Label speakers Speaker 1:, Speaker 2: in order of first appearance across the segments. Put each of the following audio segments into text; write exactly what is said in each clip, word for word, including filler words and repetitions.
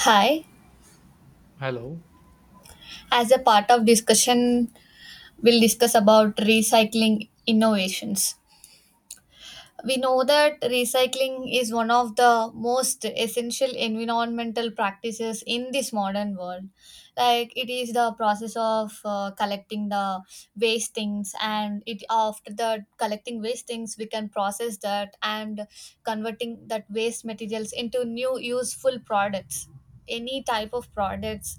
Speaker 1: Hi.
Speaker 2: Hello.
Speaker 1: As a part of discussion, we'll discuss about recycling innovations. We know that recycling is one of the most essential environmental practices in this modern world. Like it is the process of uh, collecting the waste things, and it after the collecting waste things, we can process that and converting that waste materials into new useful products. Any type of products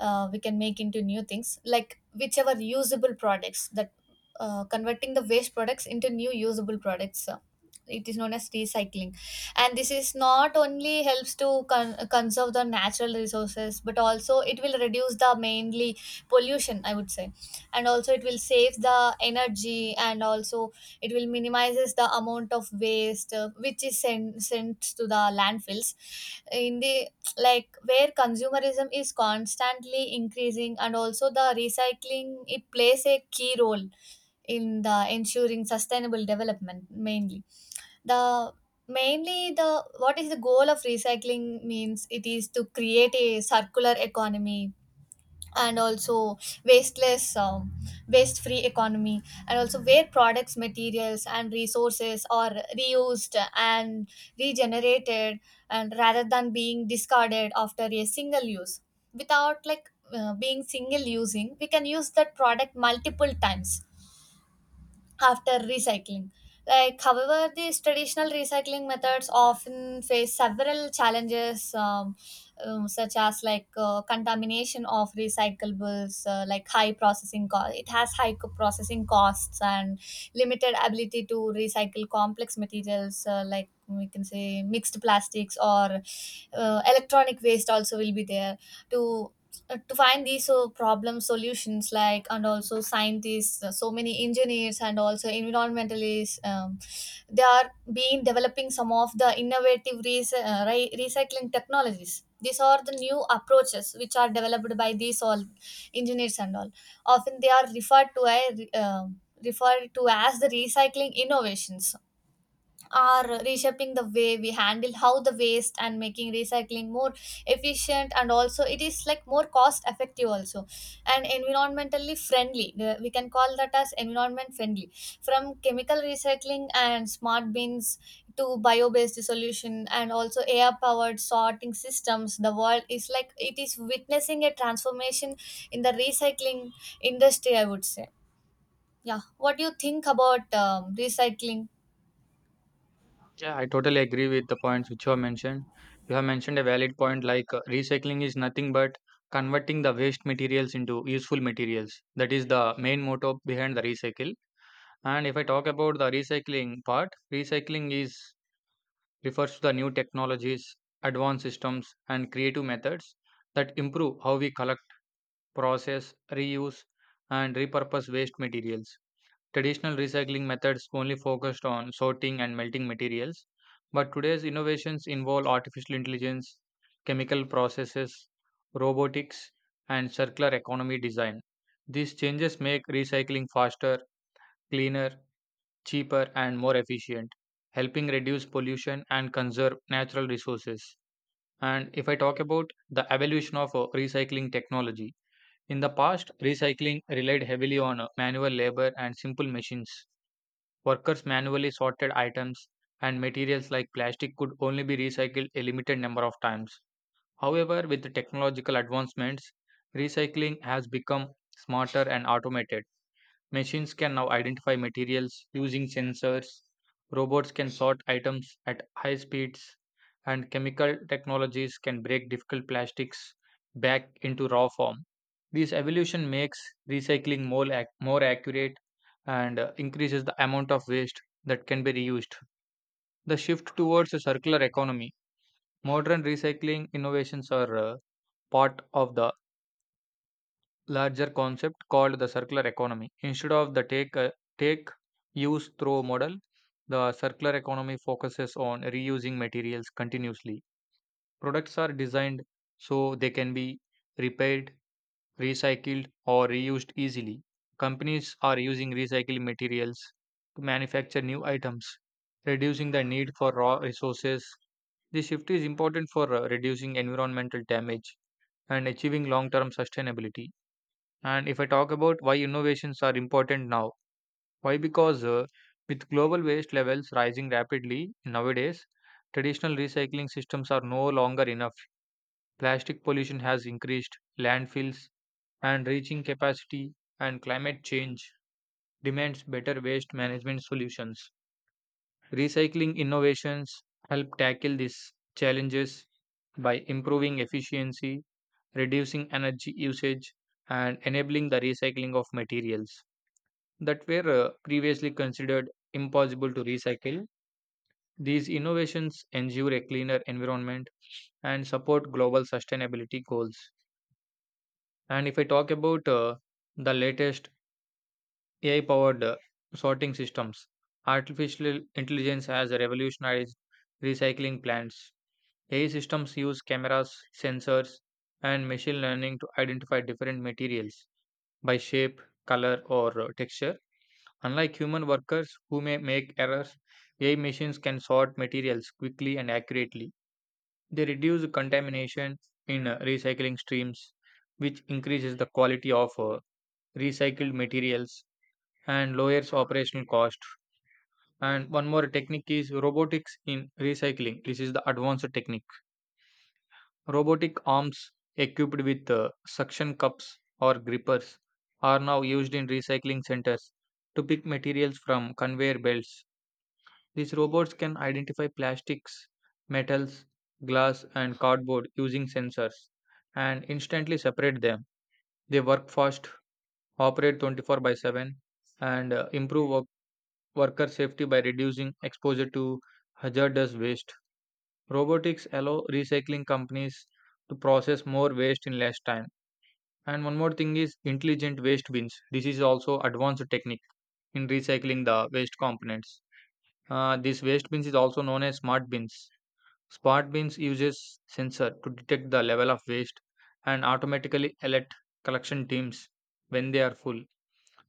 Speaker 1: uh, we can make into new things, like whichever usable products that uh, converting the waste products into new usable products, uh, it is known as recycling. And this is not only helps to con- conserve the natural resources, but also it will reduce the mainly pollution, I would say. And also it will save the energy, and also it will minimizes the amount of waste, uh, which is sent sent to the landfills in the, like, where consumerism is constantly increasing. And also the recycling, it plays a key role in the ensuring sustainable development mainly. The mainly the what is the goal of recycling means it is to create a circular economy, and also wasteless um, waste free economy, and also where products, materials and resources are reused and regenerated, and rather than being discarded after a single use. Without, like, uh, being single using, we can use that product multiple times after recycling. Like, however, these traditional recycling methods often face several challenges, um, um, such as, like, uh, contamination of recyclables, uh, like high processing cost. It has high co- processing costs and limited ability to recycle complex materials, uh, like, we can say, mixed plastics, or uh, electronic waste also will be there. To uh, to find these so problem solutions, like, and also scientists, uh, so many engineers and also environmentalists, um, they are being developing some of the innovative rec- uh, ri- recycling technologies. These are the new approaches which are developed by these all engineers and all. Often they are referred to as uh, referred to as the recycling innovations, are reshaping the way we handle how the waste, and making recycling more efficient, and also it is like more cost effective also, and environmentally friendly. Uh, we can call that as environment friendly. From chemical recycling and smart bins to bio-based solution and also air-powered sorting systems, the world is, like, it is witnessing a transformation in the recycling industry, I would say. Yeah, what do you think about um, recycling?
Speaker 2: Yeah, I totally agree with the points which you have mentioned. You have mentioned a valid point, like uh, recycling is nothing but converting the waste materials into useful materials. That is the main motto behind the recycle. And if I talk about the recycling part, recycling is refers to the new technologies, advanced systems, and creative methods that improve how we collect, process, reuse, and repurpose waste materials. Traditional recycling methods only focused on sorting and melting materials, but today's innovations involve artificial intelligence, chemical processes, robotics, and circular economy design. These changes make recycling faster, cleaner, cheaper, and more efficient, helping reduce pollution and conserve natural resources. And if I talk about the evolution of uh, recycling technology, in the past, recycling relied heavily on uh, manual labor and simple machines. Workers manually sorted items, and materials like plastic could only be recycled a limited number of times. However, with the technological advancements, recycling has become smarter and automated. Machines can now identify materials using sensors, robots can sort items at high speeds, and chemical technologies can break difficult plastics back into raw form. This evolution makes recycling more, ac- more accurate and uh, increases the amount of waste that can be reused. The shift towards a circular economy. Modern recycling innovations are uh, part of the larger concept called the circular economy. Instead of the take, uh, take, use, throw model, the circular economy focuses on reusing materials continuously. Products are designed so they can be repaired, recycled, or reused easily. Companies are using recycled materials to manufacture new items, reducing the need for raw resources. This shift is important for uh, reducing environmental damage and achieving long term sustainability. And if I talk about why innovations are important now, why? Because uh, with global waste levels rising rapidly nowadays, traditional recycling systems are no longer enough. Plastic pollution has increased, landfills and reaching capacity, and climate change demands better waste management solutions. Recycling innovations help tackle these challenges by improving efficiency, reducing energy usage, and enabling the recycling of materials that were uh, previously considered impossible to recycle. These innovations ensure a cleaner environment and support global sustainability goals. And if I talk about uh, the latest A I powered uh, sorting systems, artificial intelligence has revolutionized recycling plants. A I systems use cameras, sensors, and machine learning to identify different materials by shape, color, or uh, texture. Unlike human workers who may make errors, A I machines can sort materials quickly and accurately. They reduce contamination in uh, recycling streams, which increases the quality of uh, recycled materials and lowers operational cost. And one more technique is robotics in recycling. This is the advanced technique. Robotic arms equipped with uh, suction cups or grippers are now used in recycling centers to pick materials from conveyor belts. These robots can identify plastics, metals, glass, and cardboard using sensors and instantly separate them. They work fast, operate twenty-four by 7, and uh, improve work- worker safety by reducing exposure to hazardous waste. Robotics allow recycling companies to process more waste in less time. And one more thing is intelligent waste bins. This is also advanced technique in recycling the waste components. Uh, this waste bins is also known as smart bins. Smart bins uses sensor to detect the level of waste and automatically alert collection teams when they are full.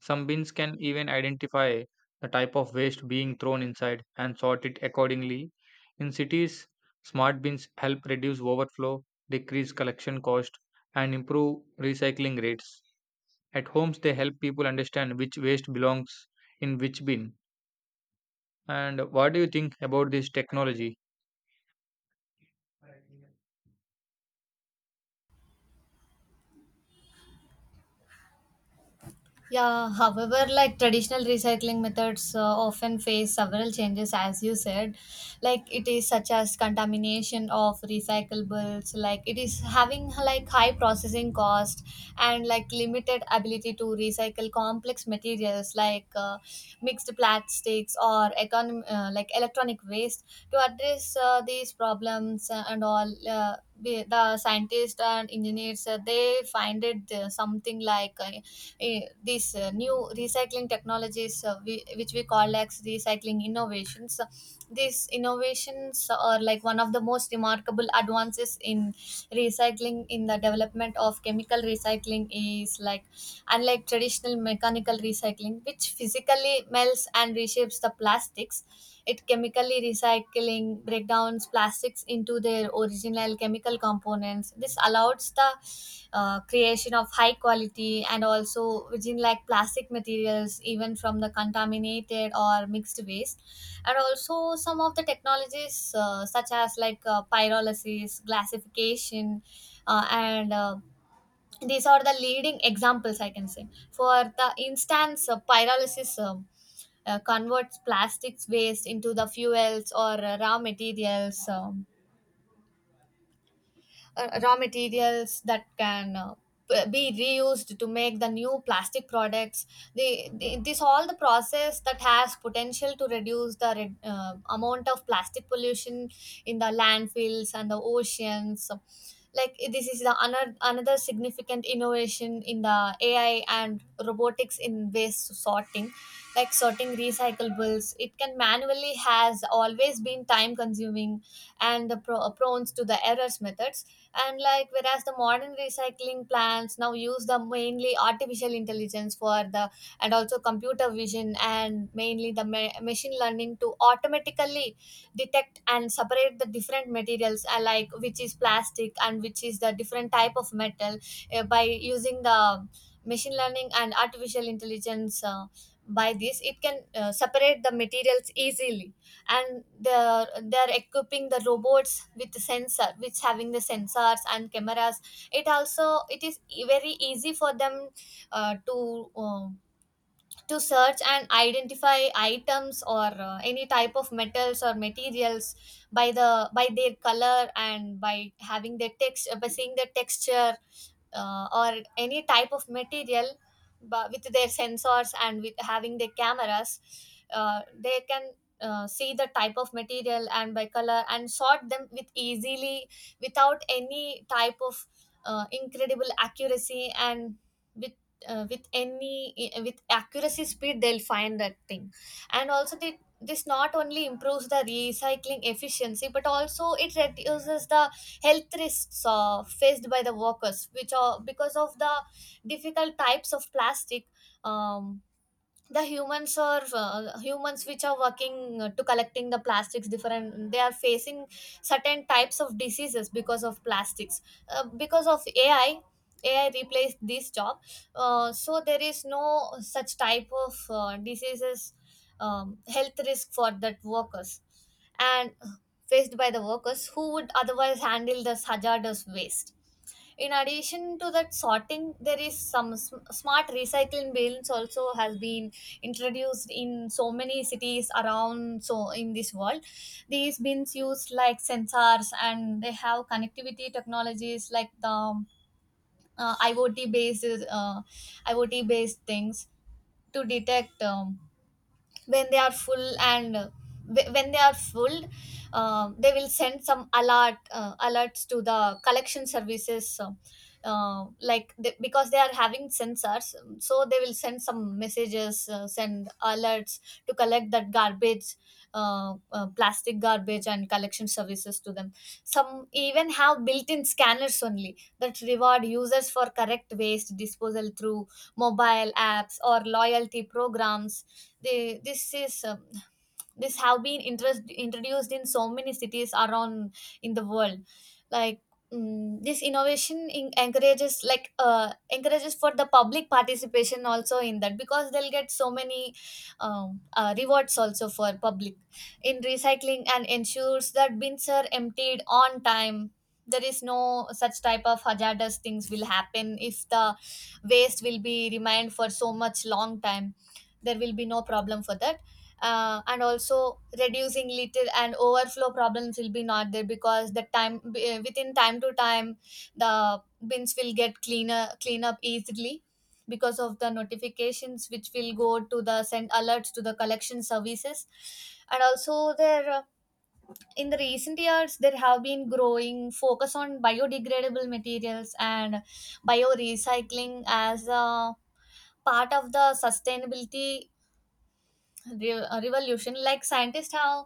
Speaker 2: Some bins can even identify the type of waste being thrown inside and sort it accordingly. In cities, smart bins help reduce overflow, decrease collection cost, and improve recycling rates. At homes, they help people understand which waste belongs in which bin. And what do you think about this technology?
Speaker 1: Yeah, however, like, traditional recycling methods uh, often face several changes, as you said. Like, it is such as contamination of recyclables, like, it is having, like, high processing cost, and, like, limited ability to recycle complex materials, like, uh, mixed plastics or econom- uh, like electronic waste. To address uh, these problems uh, and all, uh, the the scientists and engineers, uh, they find it, uh, something like, uh, eh, these uh, new recycling technologies, uh, we, which we call as recycling innovations. So, these innovations are, like, one of the most remarkable advances in recycling. In the development of chemical recycling is, like, unlike traditional mechanical recycling which physically melts and reshapes the plastics, it chemically recycling breakdowns plastics into their original chemical components. This allows the uh, creation of high quality and also within like plastic materials, even from the contaminated or mixed waste. And also some of the technologies, uh, such as, like, uh, pyrolysis, gasification, uh, and, uh, these are the leading examples, I can say. For the instance, uh, pyrolysis um, uh, converts plastics waste into the fuels or uh, raw materials, um, uh, raw materials that can, uh, b- be reused to make the new plastic products. They, they this all the process that has potential to reduce the re- uh, amount of plastic pollution in the landfills and the oceans. Like, this is the another another significant innovation in the A I and robotics in waste sorting. Like, sorting recyclables, it can manually has always been time consuming, and the pro- prone to the errors methods. And, like, whereas the modern recycling plants now use the mainly artificial intelligence for the, and also computer vision, and mainly the ma- machine learning, to automatically detect and separate the different materials, uh, like, which is plastic and which is the different type of metal, uh, by using the machine learning and artificial intelligence. Uh, by this, it can uh, separate the materials easily. And they're they're equipping the robots with the sensor, which having the sensors and cameras. It also it is e- very easy for them uh, to um to search and identify items, or uh, any type of metals or materials, by the by their color, and by having their text, by seeing the texture, uh, or any type of material. But with their sensors and with having their cameras, uh, they can uh, see the type of material and by color, and sort them with easily, without any type of uh, incredible accuracy, and with uh, with any eh, with accuracy speed, they'll find that thing. And also the this not only improves the recycling efficiency, but also it reduces the health risks, uh, faced by the workers, which are because of the difficult types of plastic. Um, the humans are, uh, humans which are working, uh, to collecting the plastics different, they are facing certain types of diseases because of plastics. Uh, because of A I, A I replaced this job. Uh, so there is no such type of uh, diseases, um, health risk for that workers, and uh, faced by the workers who would otherwise handle this hazardous waste. In addition to that sorting, there is some sm- smart recycling bins also has been introduced in so many cities around, so, in this world. These bins use, like, sensors, and they have connectivity technologies, like the uh, iot based uh, I O T based things, to detect um, when they are full. And uh, wh- when they are full, um they will send some alert uh, alerts to the collection services. Uh, uh, like, they, because they are having sensors, so they will send some messages, uh, send alerts to collect that garbage, uh, uh, plastic garbage, and collection services to them. Some even have built-in scanners only that reward users for correct waste disposal through mobile apps or loyalty programs. They this is um, This have been interest, introduced in so many cities around, in the world. Like, mm, this innovation in, encourages, like uh, encourages for the public participation also in that, because they'll get so many um, uh, rewards also for public in recycling, and ensures that bins are emptied on time. There is no such type of hazardous things will happen if the waste will be remained for so much long time. There will be no problem for that. Uh, and also reducing little and overflow problems will be not there, because the time b- uh, within time to time the bins will get cleaner clean up easily, because of the notifications which will go to the send alerts to the collection services. And also there, uh, in the recent years, there have been growing focus on biodegradable materials and bio recycling, as a part of the sustainability re- uh, revolution. Like, scientists have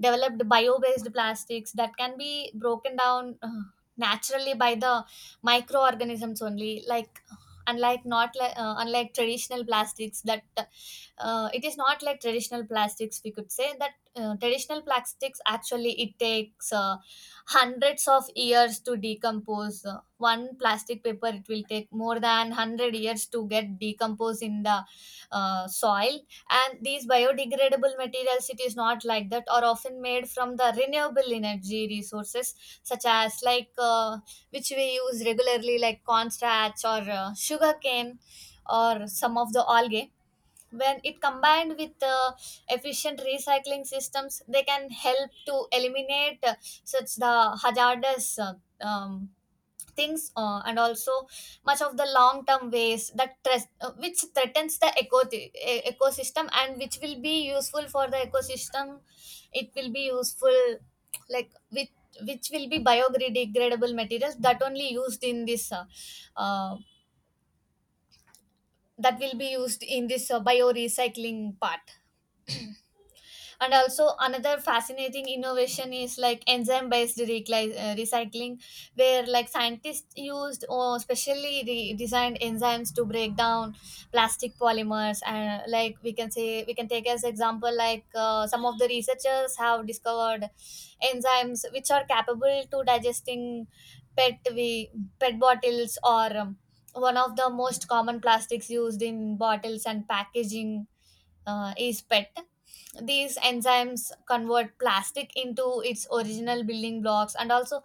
Speaker 1: developed bio-based plastics that can be broken down uh, naturally by the microorganisms only. Like, unlike not like uh, unlike traditional plastics that uh, it is not like traditional plastics, we could say that, uh, traditional plastics actually it takes uh, hundreds of years to decompose. Uh, one plastic paper, it will take more than one hundred years to get decomposed in the uh, soil. And these biodegradable materials, it is not like that, are often made from the renewable energy resources, such as, like, uh, which we use regularly, like cornstarch or uh, sugarcane, or some of the algae. When it combined with uh, efficient recycling systems, they can help to eliminate, uh, such the hazardous, uh, um, things, uh, and also much of the long term waste that tres- uh, which threatens the eco- e- ecosystem, and which will be useful for the ecosystem. It will be useful, like, which which will be biodegradable materials, that only used in this, uh, uh, that will be used in this uh, bio recycling part. And also another fascinating innovation is, like, enzyme based recli- uh, recycling, where, like, scientists used or specially re- designed enzymes to break down plastic polymers. And, like, we can say, we can take as example, like, uh, some of the researchers have discovered enzymes which are capable to digesting pet we P E T bottles, or um, one of the most common plastics used in bottles and packaging uh, is P E T. These enzymes convert plastic into its original building blocks, and also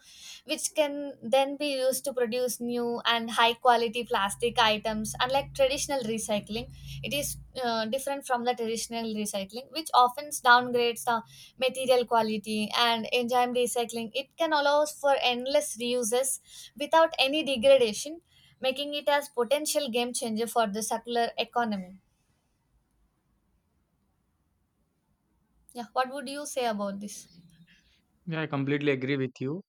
Speaker 1: which can then be used to produce new and high quality plastic items. Unlike traditional recycling, it is uh, different from the traditional recycling which often downgrades the material quality, and enzyme recycling, it can allow for endless reuses without Any degradation, making it as potential game changer for the circular economy. Yeah, what would you say about this?
Speaker 2: Yeah, I completely agree with you.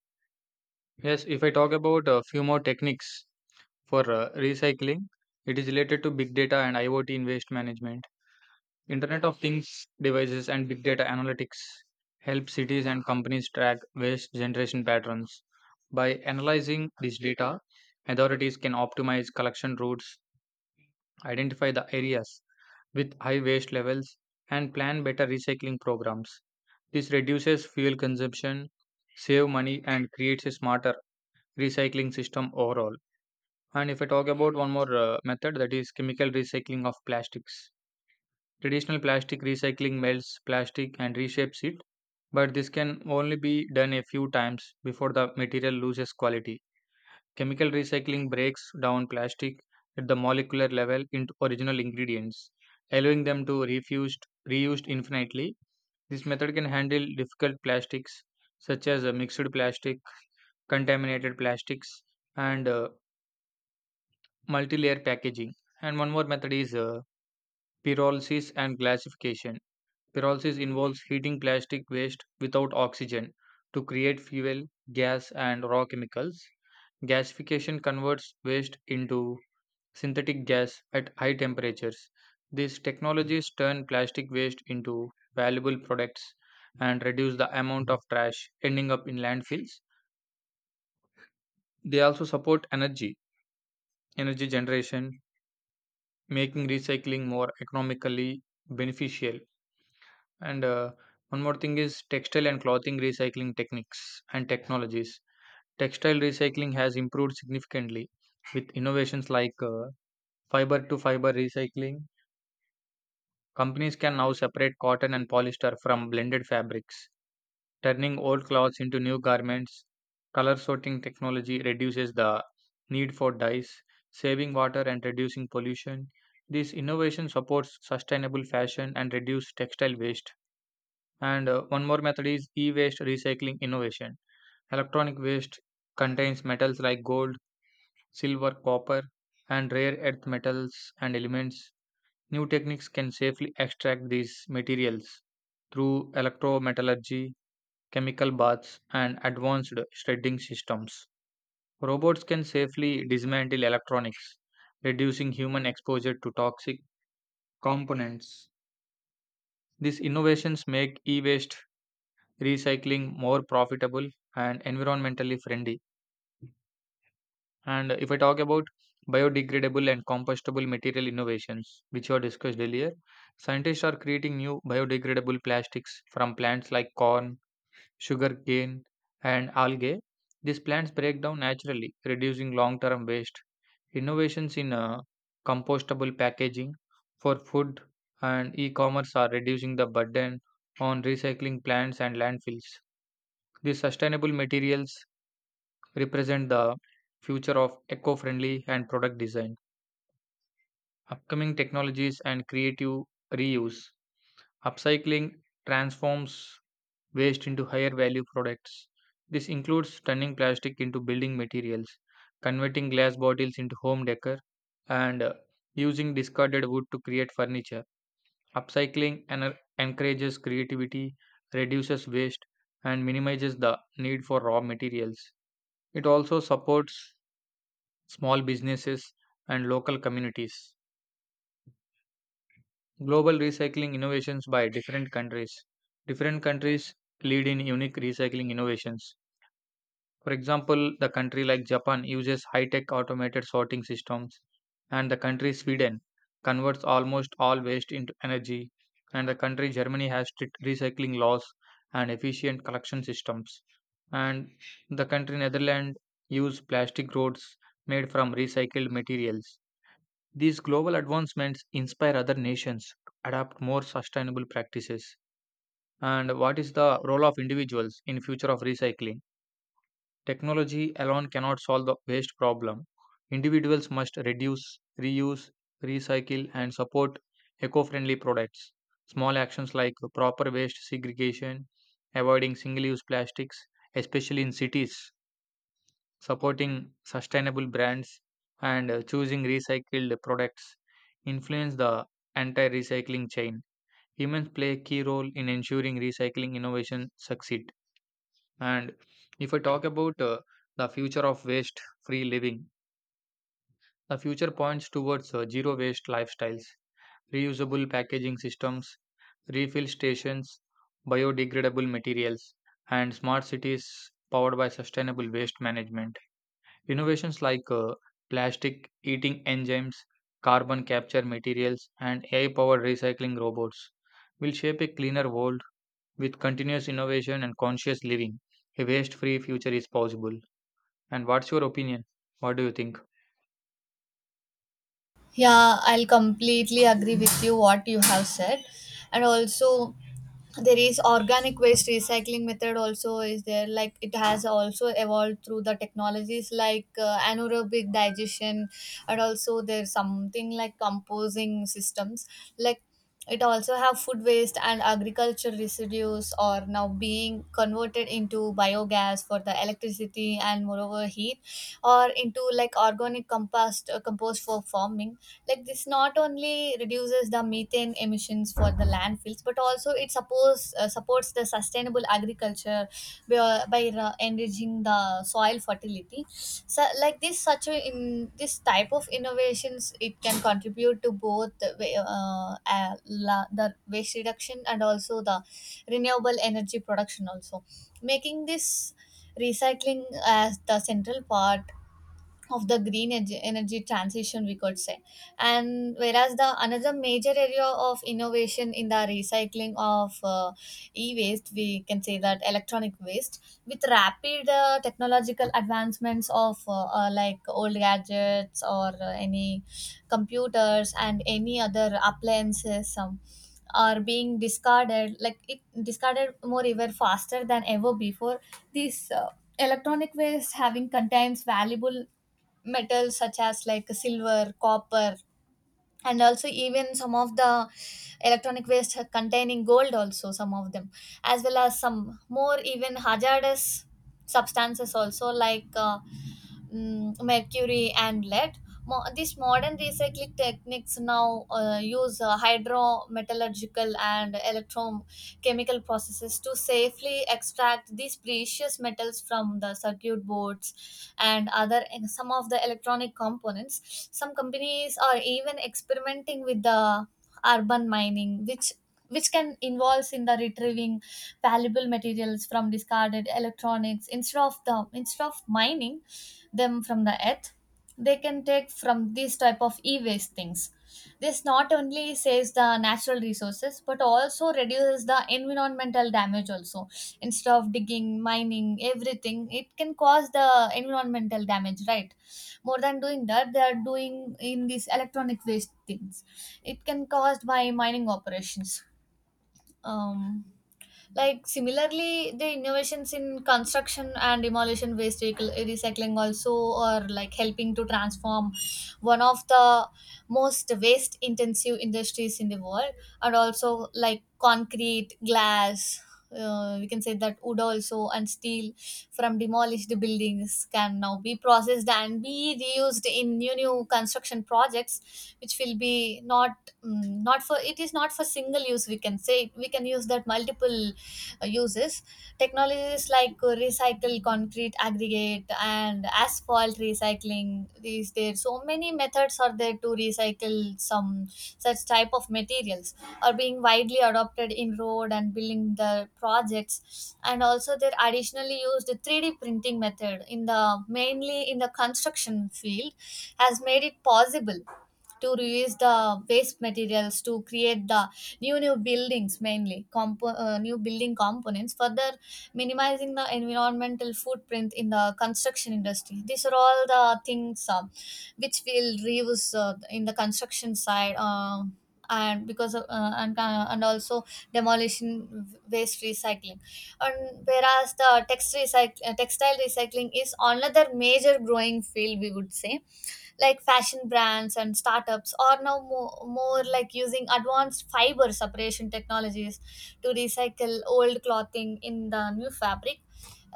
Speaker 2: Yes, if I talk about a few more techniques for uh, recycling, it is related to big data and I o T in waste management. Internet of Things devices and big data analytics help cities and companies track waste generation patterns. By analyzing this data, authorities can optimize collection routes, identify the areas with high waste levels, and plan better recycling programs. This reduces fuel consumption, save money, and creates a smarter recycling system overall. And if I talk about one more uh, method, that is chemical recycling of plastics. Traditional plastic recycling melts plastic and reshapes it, but this can only be done a few times before the material loses quality. Chemical recycling breaks down plastic at the molecular level into original ingredients, allowing them to refused reused infinitely. This method can handle difficult plastics such as uh, mixed plastic, contaminated plastics, and uh, multi-layer packaging. And one more method is uh, pyrolysis and gasification. Pyrolysis involves heating plastic waste without oxygen to create fuel, gas, and raw chemicals. Gasification converts waste into synthetic gas at high temperatures. These technologies turn plastic waste into valuable products and reduce the amount of trash ending up in landfills. They also support energy, energy generation, making recycling more economically beneficial. And uh, one more thing is textile and clothing recycling techniques and technologies. Textile recycling has improved significantly with innovations like uh, fiber to fiber recycling. Companies can now separate cotton and polyester from blended fabrics, turning old clothes into new garments. Color sorting technology reduces the need for dyes, saving water and reducing pollution. This innovation supports sustainable fashion and reduces textile waste, and uh, one more method is e-waste recycling innovation. Electronic waste contains metals like gold, silver, copper, and rare earth metals and elements. New techniques can safely extract these materials through electrometallurgy, chemical baths, and advanced shredding systems. Robots can safely dismantle electronics, reducing human exposure to toxic components. These innovations make e waste recycling more profitable and environmentally friendly. And if I talk about biodegradable and compostable material innovations, which were discussed earlier, scientists are creating new biodegradable plastics from plants like corn, sugarcane, and algae. These plants break down naturally, reducing long term waste. Innovations in uh, compostable packaging for food and e commerce are reducing the burden on recycling plants and landfills. These sustainable materials represent the future of eco-friendly and product design. Upcoming technologies and creative reuse. Upcycling transforms waste into higher value products. This includes turning plastic into building materials, converting glass bottles into home decor, and uh, using discarded wood to create furniture. Upcycling ener- encourages creativity, reduces waste, and minimizes the need for raw materials. It also supports small businesses, and local communities. Global recycling innovations by different countries. Different countries lead in unique recycling innovations. For example, the country like Japan uses high tech automated sorting systems, and the country Sweden converts almost all waste into energy, and the country Germany has strict recycling laws and efficient collection systems. And the country Netherlands use plastic roads made from recycled materials. These global advancements inspire other nations to adopt more sustainable practices. And what is the role of individuals in future of recycling? Technology alone cannot solve the waste problem. Individuals must reduce, reuse, recycle and support eco-friendly products. Small actions like proper waste segregation, avoiding single-use plastics, especially in cities, supporting sustainable brands and uh, choosing recycled products influence the entire recycling chain. Humans play a key role in ensuring recycling innovation succeed. And if I talk about uh, the future of waste-free living, the future points towards uh, zero waste lifestyles, reusable packaging systems, refill stations, biodegradable materials, and smart cities powered by sustainable waste management. Innovations like uh, plastic eating enzymes, carbon capture materials, and A I powered recycling robots will shape a cleaner world with continuous innovation and conscious living. A waste free future is possible. And what's your opinion? What do you think?
Speaker 1: Yeah, I'll completely agree with you what you have said. And also there is organic waste recycling method also is there, like it has also evolved through the technologies like uh, anaerobic digestion, and also there's something like composing systems, like it also have food waste and agriculture residues are now being converted into biogas for the electricity and moreover heat, or into like organic compost, uh, compost for farming. Like this not only reduces the methane emissions for the landfills, but also it suppose, uh, supports the sustainable agriculture by, uh, by uh, enriching the soil fertility. So like this, such a, in this type of innovations it can contribute to both the, wa- uh, uh, la, the waste reduction and also the renewable energy production also, making this recycling as the central part of the green energy, energy transition, we could say. And whereas the another major area of innovation in the recycling of uh, e-waste, we can say that electronic waste with rapid uh, technological advancements of uh, uh, like old gadgets or uh, any computers and any other appliances, um, are being discarded, like it discarded more even faster than ever before. This uh, electronic waste having contains valuable metals such as like silver, copper, and also even some of the electronic waste containing gold, also some of them, as well as some more even hazardous substances, also like uh, mm, mercury and lead. Mo- these modern recycling techniques now uh, use uh, hydrometallurgical and electrochemical processes to safely extract these precious metals from the circuit boards and other, and some of the electronic components. Some companies are even experimenting with the urban mining, which which can involves in the retrieving valuable materials from discarded electronics instead of the, instead of mining them from the earth. They can take from these type of e-waste things. This not only saves the natural resources but also reduces the environmental damage also. Instead of digging, mining everything, it can cause the environmental damage, right? More than doing that, they are doing in these electronic waste things it can caused by mining operations. um like similarly, the innovations in construction and demolition waste recycle- recycling also are like helping to transform one of the most waste intensive industries in the world, and also like concrete, glass. Uh, we can say that wood also and steel from demolished buildings can now be processed and be reused in new new construction projects, which will be not, mm, not for, it is not for single use, we can say we can use that multiple uh, uses. Technologies like uh, recycle concrete aggregate and asphalt recycling. These, there so many methods are there to recycle some such type of materials, are being widely adopted in road and building the projects, and also they're additionally used the three D printing method in the mainly in the construction field, has made it possible to reuse the waste materials to create the new new buildings, mainly compo- uh, new building components, further minimizing the environmental footprint in the construction industry. These are all the things uh, which will reuse uh, in the construction side, uh, and because of, uh, and, uh, and also demolition waste recycling. And whereas the text recycle, textile recycling is another major growing field, we would say. Like fashion brands and startups are now more, more like using advanced fiber separation technologies to recycle old clothing in the new fabric.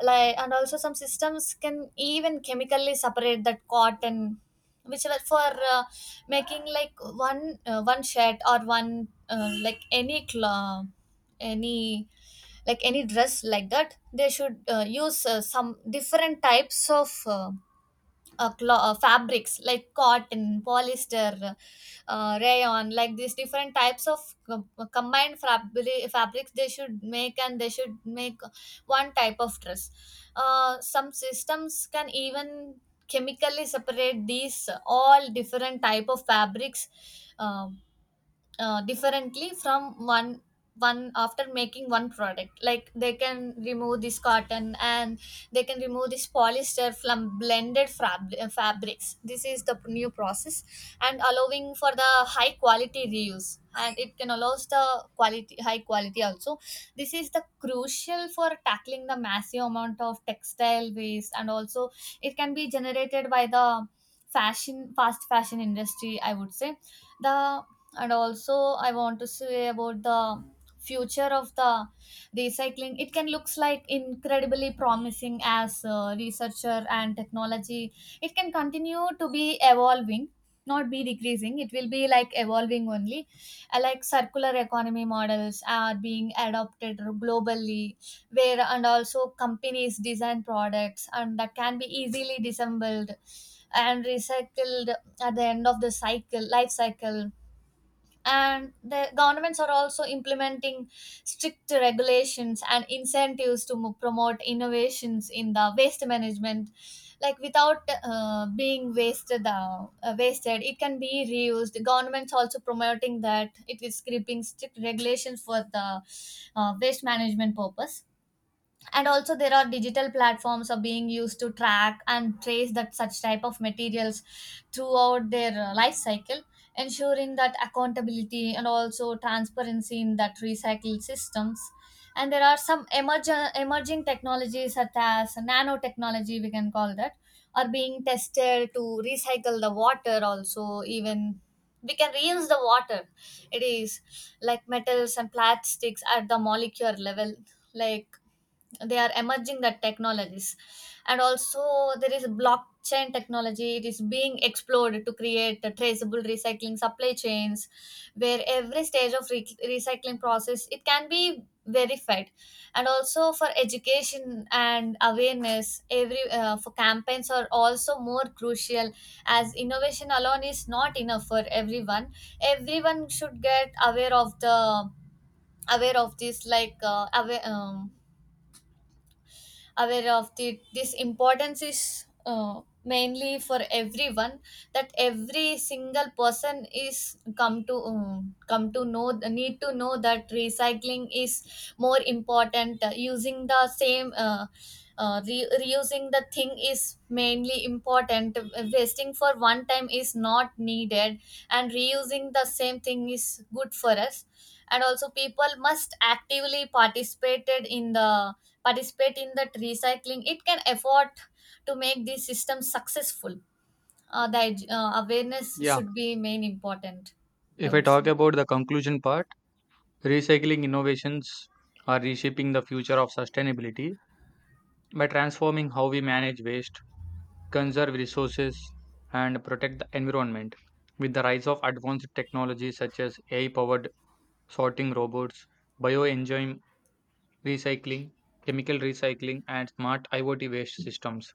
Speaker 1: Like and also some systems can even chemically separate that cotton, which was for uh, making like one, uh, one shirt or one, uh, like any cloth, any, like any dress, like that they should uh, use uh, some different types of, uh, uh, clo- uh, fabrics like cotton, polyester, uh, rayon, like these different types of com- combined fabric fabrics they should make, and they should make one type of dress. Uh, some systems can even chemically separate these all different type of fabrics, um, uh, differently from one, one after making one product. Like they can remove this cotton and they can remove this polyester from blended fab- uh, fabrics. This is the new process, and allowing for the high quality reuse, and it can allows the quality, high quality also. This is the crucial for tackling the massive amount of textile waste, and also it can be generated by the fashion fast fashion industry, I would say. The, and also I want to say about the future of the recycling. It can looks like incredibly promising as uh, researcher and technology, it can continue to be evolving, not be decreasing, it will be like evolving only. Uh, like circular economy models are being adopted globally, where and also companies design products and that can be easily disassembled and recycled at the end of the cycle life cycle. And the governments are also implementing strict regulations and incentives to mo- promote innovations in the waste management. Like without uh, being wasted, uh, uh, wasted it can be reused, governments also promoting that, it is creeping strict regulations for the uh, waste management purpose. And also there are digital platforms are being used to track and trace that such type of materials throughout their uh, life cycle, ensuring that accountability and also transparency in that recycled systems. And there are some emerging emerging technologies such as nanotechnology, we can call that, are being tested to recycle the water also, even we can reuse the water. It is like metals and plastics at the molecular level, like, they are emerging the technologies. And also there is blockchain technology, it is being explored to create the traceable recycling supply chains, where every stage of re- recycling process it can be verified. And also for education and awareness, every uh, for campaigns are also more crucial, as innovation alone is not enough for everyone. Everyone should get aware of the, aware of this, like uh, aware, um, aware of the, this importance is uh, mainly for everyone, that every single person is come to, um, come to know, need to know that recycling is more important. Uh, using the same, uh, uh, re- reusing the thing is mainly important. Uh, wasting for one time is not needed, and reusing the same thing is good for us. And also people must actively participated in the, participate in that recycling, it can afford to make the system successful. Uh, the edu- uh, awareness
Speaker 2: Yeah,
Speaker 1: should be main important, I
Speaker 2: if I
Speaker 1: would say.
Speaker 2: talk about the conclusion part, recycling innovations are reshaping the future of sustainability by transforming how we manage waste, conserve resources, and protect the environment. With the rise of advanced technology such as A I powered sorting robots, bioenzyme recycling, chemical recycling, and smart I o T waste systems,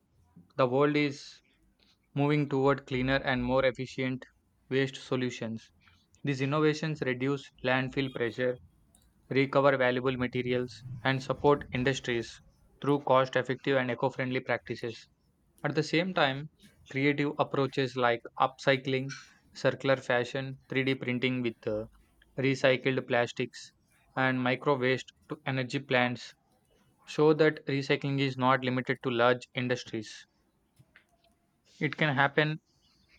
Speaker 2: the world is moving toward cleaner and more efficient waste solutions. These innovations reduce landfill pressure, recover valuable materials, and support industries through cost effective and eco friendly practices. At the same time, creative approaches like upcycling, circular fashion, three D printing with uh, recycled plastics, and micro waste to energy plants show that recycling is not limited to large industries. It can happen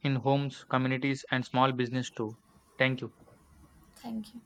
Speaker 2: in homes, communities, and small business too. Thank you.
Speaker 1: Thank you.